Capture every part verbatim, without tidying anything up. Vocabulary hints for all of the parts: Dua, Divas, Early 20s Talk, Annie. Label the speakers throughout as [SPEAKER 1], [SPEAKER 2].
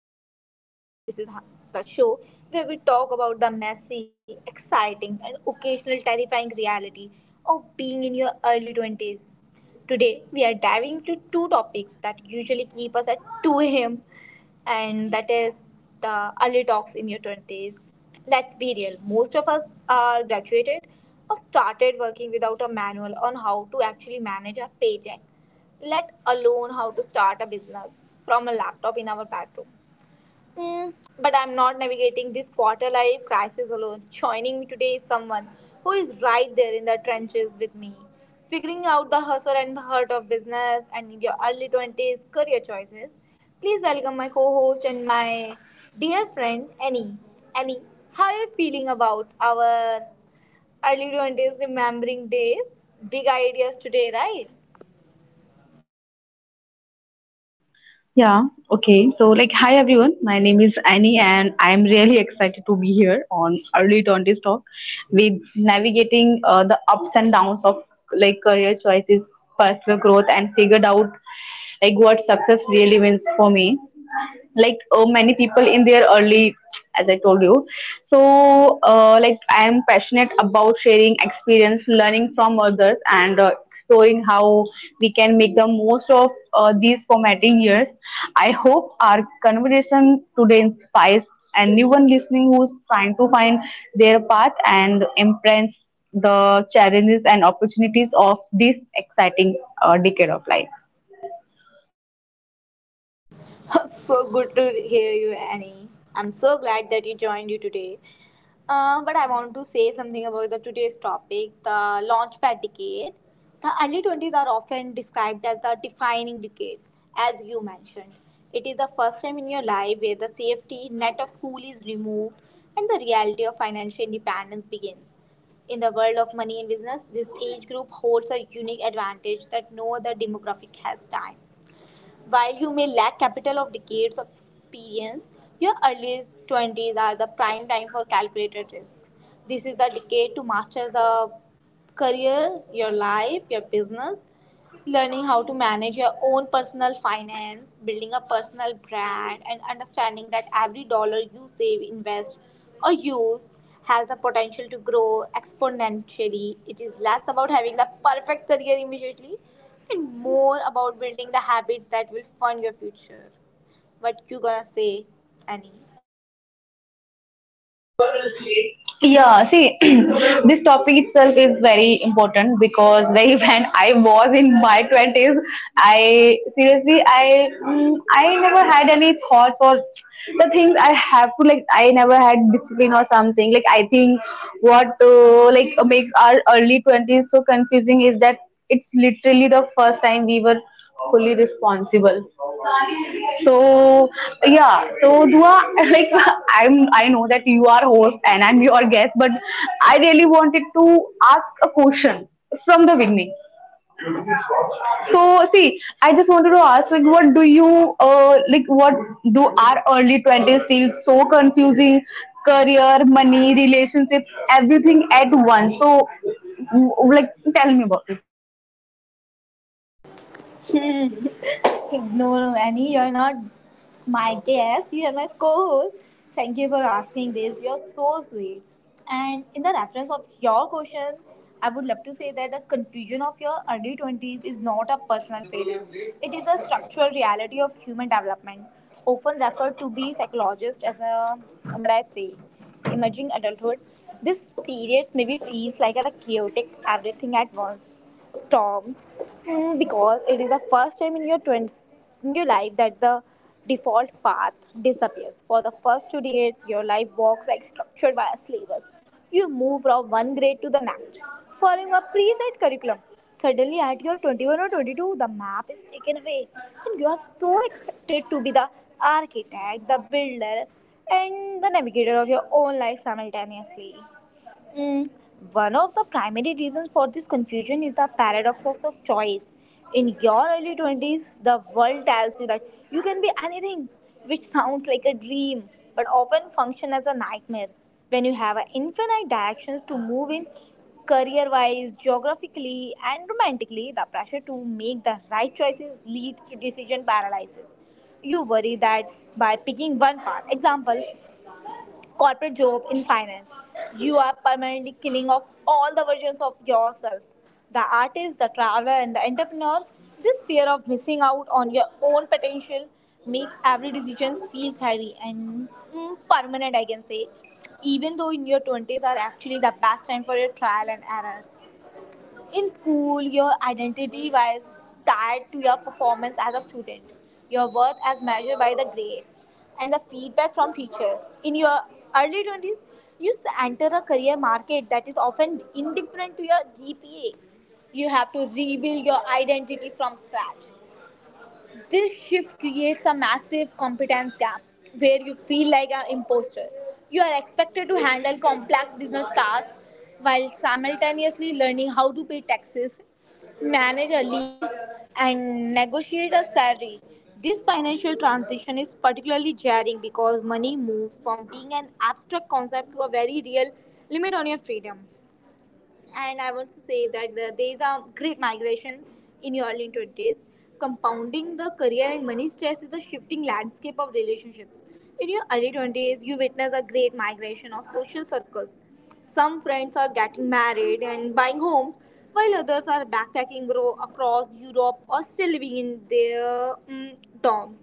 [SPEAKER 1] I'm your host, Dua, and this is the show where we talk about the messy, exciting, and occasional terrifying reality of being in your early twenties. Today, we are diving into two topics that usually keep us at two a.m and that is the early talks in your twenties. Let's be real, most of us are graduated or started working without a manual on how to actually manage a paycheck, let alone how to start a business from a laptop in our bedroom. Mm, but I'm not navigating this quarter life crisis alone. Joining me today is someone who is right there in the trenches with me, figuring out the hustle and the hurt of business and your early twenties career choices. Please welcome my co host and my dear friend, Annie. Annie, how are you feeling about our early twenties remembering days? Big ideas today, right?
[SPEAKER 2] Yeah, okay. So, like, hi everyone. My name is Annie, and I'm really excited to be here on Early twenties Talk with navigating uh, the ups and downs of like career choices, personal growth, and figured out like what success really means for me like uh, many people in their early, as I told you. So uh, like, I am passionate about sharing experience, learning from others, and uh, exploring how we can make the most of uh, these formative years. I hope our conversation today inspires anyone listening who's trying to find their path and embrace the challenges and opportunities of this exciting uh, decade of life.
[SPEAKER 1] So good to hear you, Annie. I'm so glad that you joined you today. Uh, but I want to say something about the today's topic, the launchpad decade. The early twenties are often described as the defining decade, as you mentioned. It is the first time in your life where the safety net of school is removed and the reality of financial independence begins. In the world of money and business, this age group holds a unique advantage that no other demographic has time. While you may lack capital of decades of experience, your earliest twenties are the prime time for calculated risk. This is the decade to master the career, your life, your business, learning how to manage your own personal finance, building a personal brand, and understanding that every dollar you save, invest, or use has the potential to grow exponentially. It is less about having the perfect career immediately and more about building the habits that will fund your future. What you gonna say, Annie?
[SPEAKER 2] Yeah, see, this topic itself is very important because like when I was in my twenties, I seriously I mm, I never had any thoughts or the things I have to, like, I never had discipline or something. Like, I think what uh, like makes our early twenties so confusing is that it's literally the first time we were fully responsible. So yeah, so Dua, like I'm, I know that you are host and I'm your guest, but I really wanted to ask a question from the beginning. So see, I just wanted to ask, like, what do you, uh, like, what do our early twenties feel so confusing? Career, money, relationships, everything at once. So, w- like, tell me about it.
[SPEAKER 1] No, no, Annie, you're not my guest. You are my co-host. Thank you for asking this. You're so sweet. And in the reference of your question, I would love to say that the confusion of your early twenties is not a personal failure. It is a structural reality of human development, often referred to by psychologists as a what I say, emerging adulthood. This periods maybe feels like a chaotic everything at once storms mm, because it is the first time in your twenty, in your life that the default path disappears. For the first two decades, your life walks like structured by syllabus. You move from one grade to the next, following a preset curriculum. Suddenly, at your twenty-one or twenty-two, the map is taken away, and you are so expected to be the architect, the builder, and the navigator of your own life simultaneously. Mm, One of the primary reasons for this confusion is the paradox of of choice. In your early twenties, the world tells you that you can be anything, which sounds like a dream, but often function as a nightmare. When you have a infinite directions to move in, career wise, geographically, and romantically, the pressure to make the right choices leads to decision paralysis. You worry that by picking one path, example, corporate job in finance. You are permanently killing off all the versions of yourselves: the artist, the traveler, and the entrepreneur. This fear of missing out on your own potential makes every decision feels heavy and mm, permanent, I can say. Even though in your twenties are actually the best time for your trial and error, in school, your identity was tied to your performance as a student, your worth as measured by the grades, and the feedback from teachers. In your early twenties, you s- enter a career market that is often indifferent to your G P A. You have to rebuild your identity from scratch. This shift creates a massive competence gap where you feel like an imposter. You are expected to handle complex business tasks while simultaneously learning how to pay taxes, manage a lease, and negotiate a salary. This financial transition is particularly jarring because money moves from being an abstract concept to a very real limit on your freedom, and I want to say that the, there is a great migration in your early twenties. Compounding the career and money stress is the shifting landscape of relationships. In your early twenties, you witness a great migration of social circles. Some friends are getting married and buying homes, while others are backpacking ro- across Europe or still living in their mm, dorms.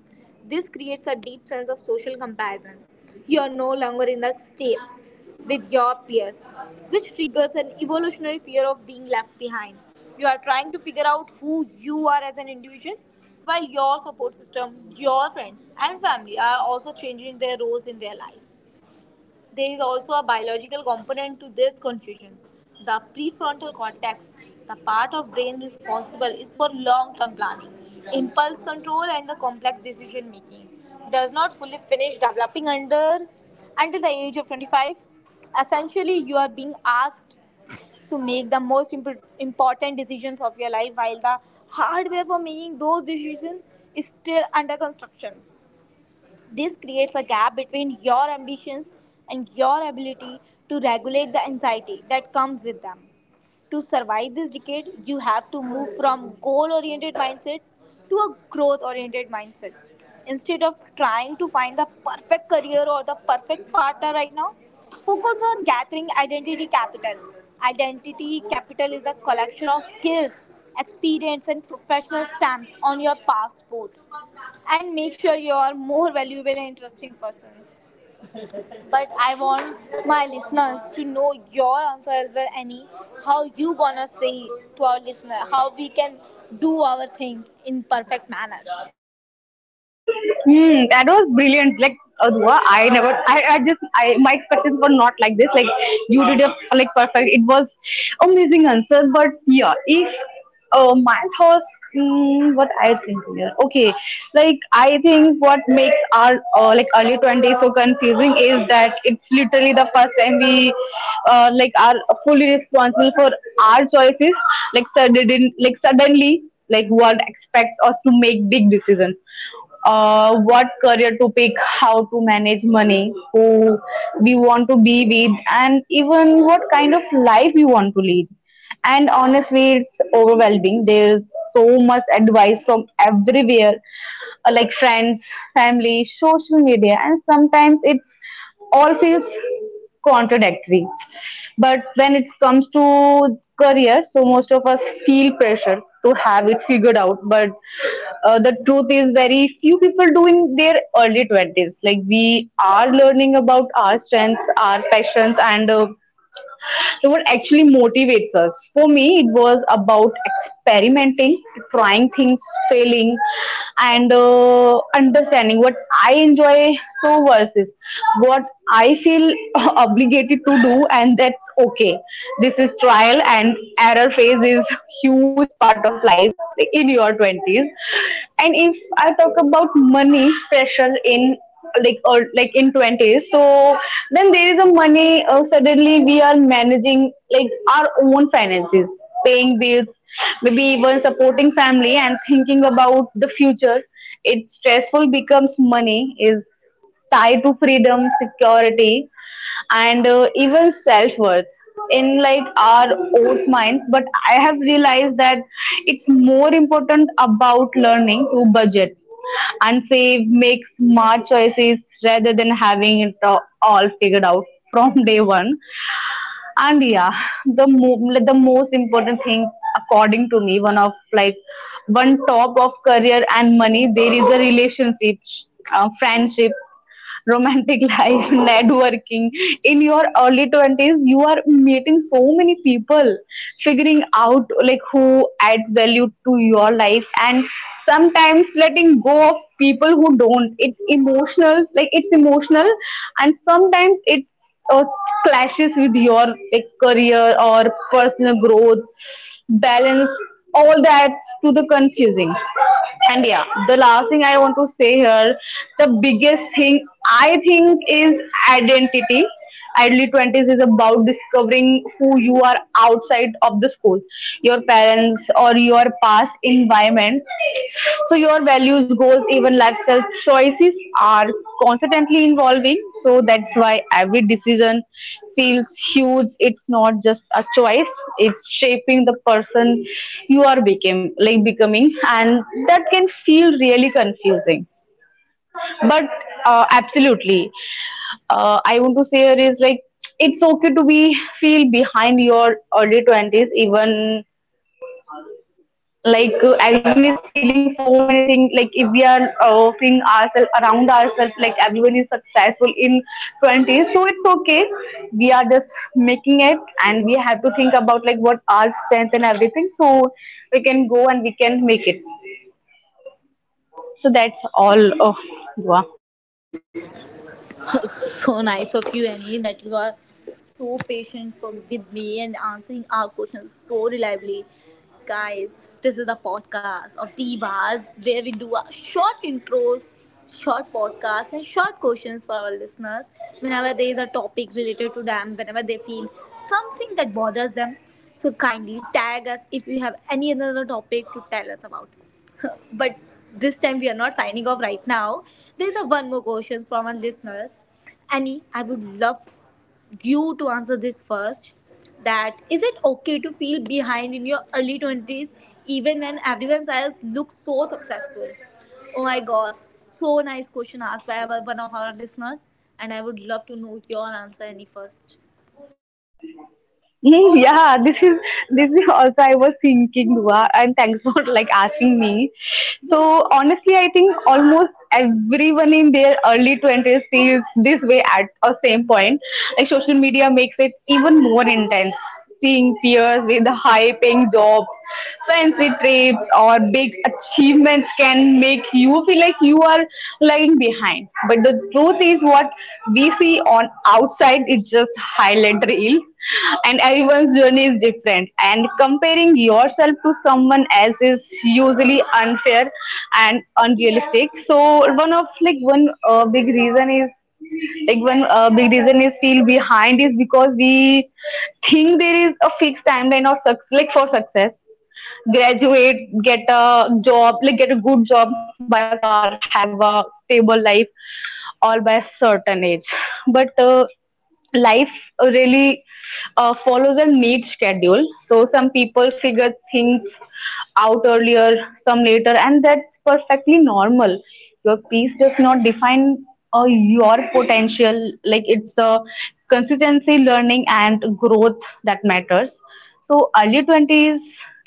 [SPEAKER 1] This creates a deep sense of social comparison. You are no longer in the state with your peers, which triggers an evolutionary fear of being left behind. You are trying to figure out who you are as an individual, while your support system, your friends, and family are also changing their roles in their life. There is also a biological component to this confusion. The prefrontal cortex, the part of brain responsible is for long-term planning, impulse control and the complex decision making, does not fully finish developing under until the age of twenty-five. Essentially, you are being asked to make the most imp- important decisions of your life while the hardware for making those decisions is still under construction. This creates a gap between your ambitions and your ability to regulate the anxiety that comes with them to survive this decade. You have to move from goal oriented mindsets to a growth oriented mindset instead of trying to find the perfect career or the perfect partner right now. Focus on gathering identity capital. Identity capital is a collection of skills, experience and professional stamps on your passport and make sure you are more valuable and interesting persons. But I want my listeners to know your answer as well, Annie. How you gonna say to our listener how we can do our things in perfect manner?
[SPEAKER 2] Hmm, that was brilliant. Like, Adua, I never, I, I just, I, my expectations were not like this. Like, you did a like perfect. It was amazing answer. But yeah, if uh, my thoughts, mm, what I think here. Okay, like I think what makes our uh, like early twenties so confusing is that it's literally the first time we uh, like are fully responsible for our choices. Like sudden, like suddenly, like, world expects us to make big decisions, uh, what career to pick, how to manage money, who we want to be with, and even what kind of life we want to lead. And honestly, it's overwhelming. There's so much advice from everywhere, uh, like friends, family, social media, and sometimes it's all feels contradictory. But when it comes to career, so most of us feel pressure to have it figured out, but uh, the truth is very few people do in their early twenties. Like we are learning about our strengths, our passions, and uh, so what actually motivates us? For me, it was about experimenting, trying things, failing, and uh, understanding what I enjoy so versus what I feel obligated to do, and that's okay. This is trial and error phase is huge part of life in your twenties. And if I talk about money pressure in like or like in twenties, so then there is a money, uh, suddenly we are managing like our own finances, paying bills, maybe even supporting family and thinking about the future. It's stressful, becomes money is tied to freedom, security, and uh, even self worth in like our oath minds. But I have realized that it's more important about learning to budget and save, make smart choices, rather than having it a- all figured out from day one. And yeah, the mo- like, the most important thing, according to me, one of like, one top of career and money, there is a relationship, uh, friendship, romantic life, networking. In your early twenties, you are meeting so many people, figuring out like who adds value to your life, and sometimes letting go of people who don't. It's emotional, like it's emotional, and sometimes it's uh, clashes with your like career or personal growth balance. All that's to the confusing. And yeah, the last thing I want to say here, the biggest thing I think is identity. Early twenties is about discovering who you are outside of the school, your parents, or your past environment. So, your values, goals, even lifestyle choices are constantly evolving. So, that's why every decision feels huge. It's not just a choice, it's shaping the person you are became, like becoming, and that can feel really confusing. But uh, absolutely, uh, I want to say here is like it's okay to be feel behind your early twenties, even like uh, everyone is feeling so many things. Like if we are uh, seeing ourselves around ourselves, like everyone is successful in twenties, so it's okay, we are just making it, and we have to think about like what our strength and everything, so we can go and we can make it. So that's all, oh, Dua.
[SPEAKER 1] So nice of you, Annie, that you are so patient for, with me and answering our questions so reliably. Guys, this is a podcast of Divas where we do a short intros, short podcasts, and short questions for our listeners. Whenever there is a topic related to them, whenever they feel something that bothers them, so kindly tag us if you have any another topic to tell us about. But this time we are not signing off right now. There's a one more question from our listeners. Annie, I would love you to answer this first. That is it okay to feel behind in your early twenties even when everyone else looks so successful? Oh my gosh, so nice question asked by our, one of our listeners. And I would love to know your answer, Annie, first.
[SPEAKER 2] Hmm, yeah, this is, this is also I was thinking, Dua, and thanks for like asking me. So honestly, I think almost everyone in their early twenties feels this way at a same point. Like social media makes it even more intense. Seeing peers with high-paying jobs, fancy trips, or big achievements results can make you feel like you are lying behind. But the truth is what we see on outside, it's just highlight reels, and everyone's journey is different, and comparing yourself to someone else is usually unfair and unrealistic. So one of like one uh, big reason is like one uh, big reason is feel behind is because we think there is a fixed timeline of success, like for success, graduate, get a job, like get a good job, buy a car, have a stable life, all by a certain age. But uh, life really uh, follows a neat schedule. So some people figure things out earlier, some later, and that's perfectly normal. Your peace does not define uh, your potential. Like it's the consistency, learning, and growth that matters. So early twenties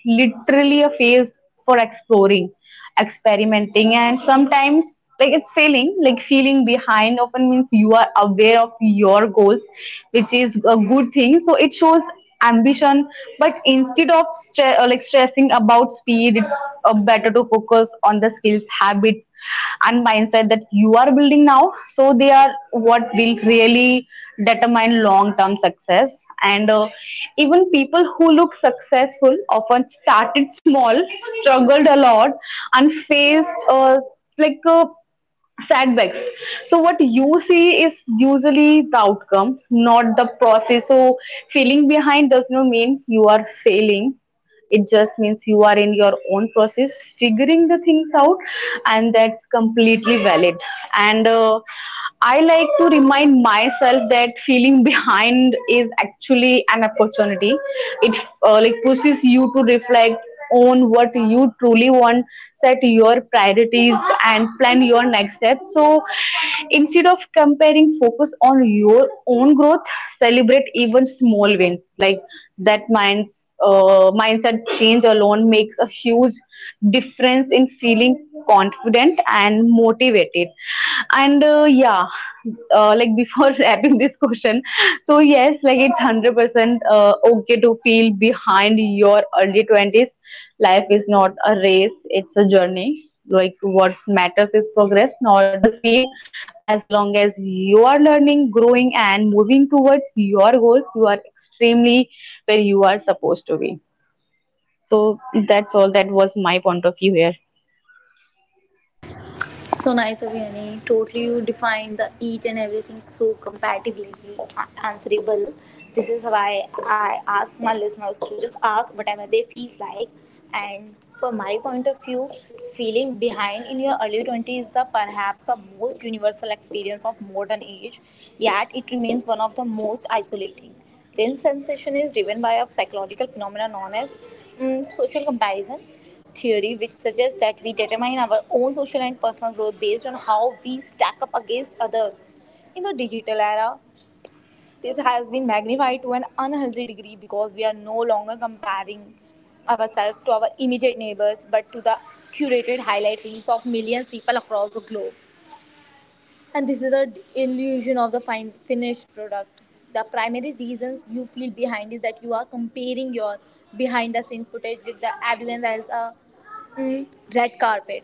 [SPEAKER 2] literally a phase for exploring, experimenting, and sometimes like it's failing. Like feeling behind often means you are aware of your goals, which is a good thing, so it shows ambition. But instead of stre- uh, like stressing about speed, it's uh, better to focus on the skills, habits, and mindset that you are building now, so they are what will really determine long term success. And uh, even people who look successful often started small, struggled a lot, and faced uh, like uh, setbacks. So what you see is usually the outcome, not the process. So feeling behind does not mean you are failing, it just means you are in your own process, figuring the things out, and that's completely valid. And uh, I like to remind myself that feeling behind is actually an opportunity. It uh, like pushes you to reflect own what you truly want, set your priorities, and plan your next step. So instead of comparing, focus on your own growth, celebrate even small wins. Like that minds, uh, mindset change alone makes a huge difference in feeling confident and motivated. And uh, yeah, uh, like before wrapping this question, so yes, like it's one hundred percent uh, okay to feel behind your early twenties. Life is not a race, it's a journey. Like what matters is progress, not the speed. As long as you are learning, growing, and moving towards your goals, you are extremely where you are supposed to be. So that's all, that was my point of view here.
[SPEAKER 1] So nice of you, Annie. Totally, you defined the each and everything so compatibly answerable. This is why I ask my listeners to just ask whatever they feel like. And from my point of view, feeling behind in your early twenties is the perhaps the most universal experience of modern age. Yet it remains one of the most isolating. This sensation is driven by a psychological phenomenon known as mm, social comparison theory, which suggests that we determine our own social and personal growth based on how we stack up against others. In the digital era, this has been magnified to an unhealthy degree because we are no longer comparing ourselves to our immediate neighbors but to the curated highlight reels of millions of people across the globe. And this is the illusion of the fine finished product. The primary reasons you feel behind is that you are comparing your behind the scene footage with the everyone else uh, mm, red carpet.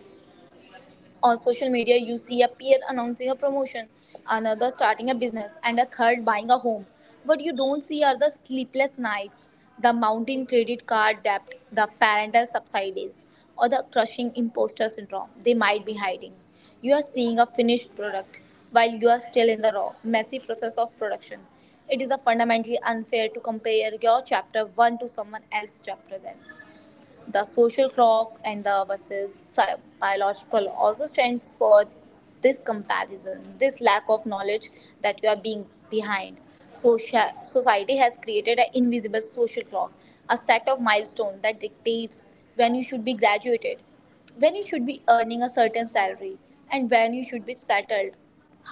[SPEAKER 1] On social media you see a peer announcing a promotion, another starting a business and a third buying a home. What you don't see are the sleepless nights, the mounting credit card debt, the parental subsidies, or the crushing imposter syndrome they might be hiding. You are seeing a finished product while you are still in the raw messy process of production. It is a fundamentally unfair to compare your chapter one to someone else's chapter then. The social clock and the versus sci- biological also stands for this comparison, this lack of knowledge that you are being behind. Socia- society has created an invisible social clock, a set of milestones that dictates when you should be graduated, when you should be earning a certain salary and when you should be settled.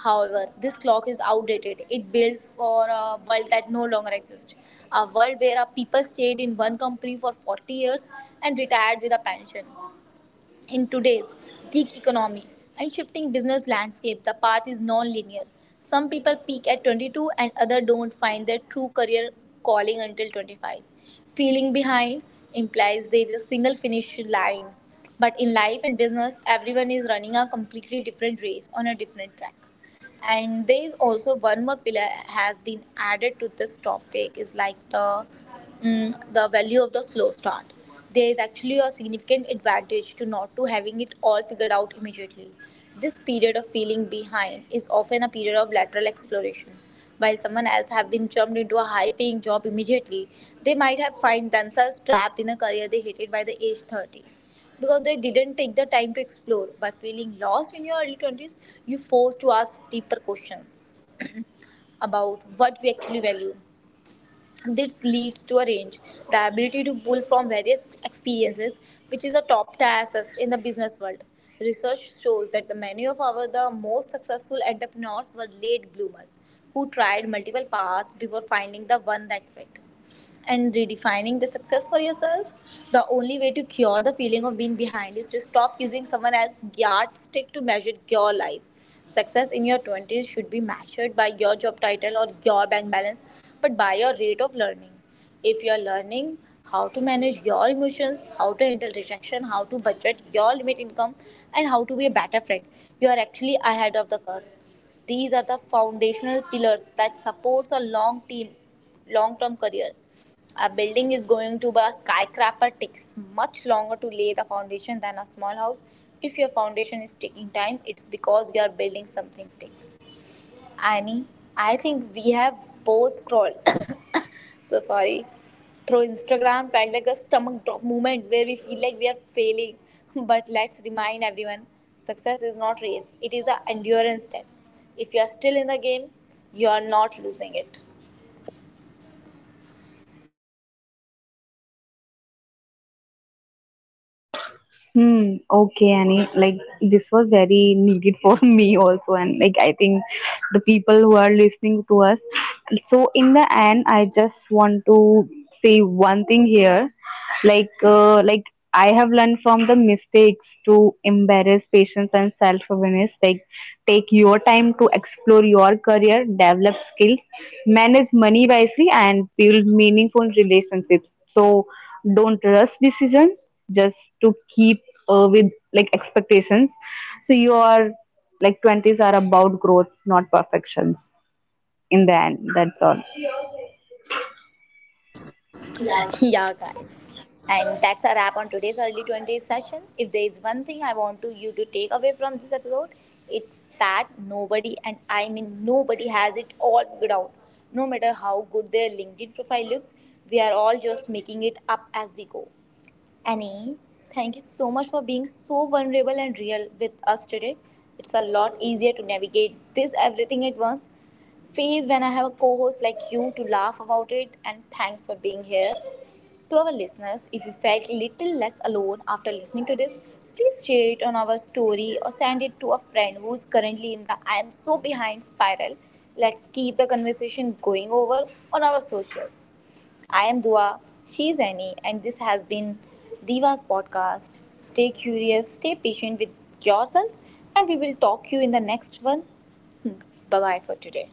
[SPEAKER 1] However, this clock is outdated. It builds for a world that no longer exists. A world where our people stayed in one company for forty years and retired with a pension. In today's gig economy and shifting business landscape, the path is non-linear. Some people peak at twenty-two and others don't find their true career calling until twenty-five. Feeling behind implies there is a single finish line. But in life and business, everyone is running a completely different race on a different track, and there is also one more pillar has been added to this topic is like the mm, the value of the slow start. There is actually a significant advantage to not to having it all figured out immediately. This period of feeling behind is often a period of lateral exploration. While someone else have been jumped into a high paying job immediately, they might have find themselves trapped in a career they hated by the age thirty because they didn't take the time to explore. By feeling lost in your early twenties, you're forced to ask deeper questions about what we actually value. This leads to a range, the ability to pull from various experiences, which is a top tier asset in the business world. Research shows that the many of our the most successful entrepreneurs were late bloomers who tried multiple paths before finding the one that fit and redefining the success for yourself. The only way to cure the feeling of being behind is to stop using someone else's yardstick to measure your life. Success in your twenties should be measured by your job title or your bank balance, but by your rate of learning. If you're learning how to manage your emotions, how to handle rejection, how to budget your limit income, and how to be a better friend, you are actually ahead of the curve. These are the foundational pillars that supports a long team, long-term career. A building is going to be a skyscraper takes much longer to lay the foundation than a small house. If your foundation is taking time, it's because you are building something big. Annie, I think we have both scrolled. So sorry. Through Instagram felt like a stomach drop moment where we feel like we are failing. But let's remind everyone success is not race, it is an endurance test. If you are still in the game, you are not losing it.
[SPEAKER 2] Hmm. Okay, Annie. Like this was very needed for me also, and like I think the people who are listening to us. So in the end, I just want to say one thing here, like uh, like I have learned from the mistakes to embrace patience and self awareness. Like take your time to explore your career, develop skills, manage money wisely, and build meaningful relationships. So don't rush decisions just to keep uh, with like expectations. So your like twenties are about growth, not perfections. In the end, that's all.
[SPEAKER 1] Yeah, guys. And that's a wrap on today's early twenties session. If there is one thing I want to you to take away from this episode, it's that nobody, and I mean nobody, has it all figured out. No matter how good their LinkedIn profile looks, we are all just making it up as we go. Annie, thank you so much for being so vulnerable and real with us today. It's a lot easier to navigate this everything at once phase when I have a co host like you to laugh about it, and thanks for being here. To our listeners, if you felt little less alone after listening to this, please share it on our story or send it to a friend who's currently in the I am so behind spiral. Let's keep the conversation going over on our socials. I am Dua, she is Annie, and this has been Diva's podcast. Stay curious, stay patient with yourself, and we will talk you in the next one. Bye bye for today.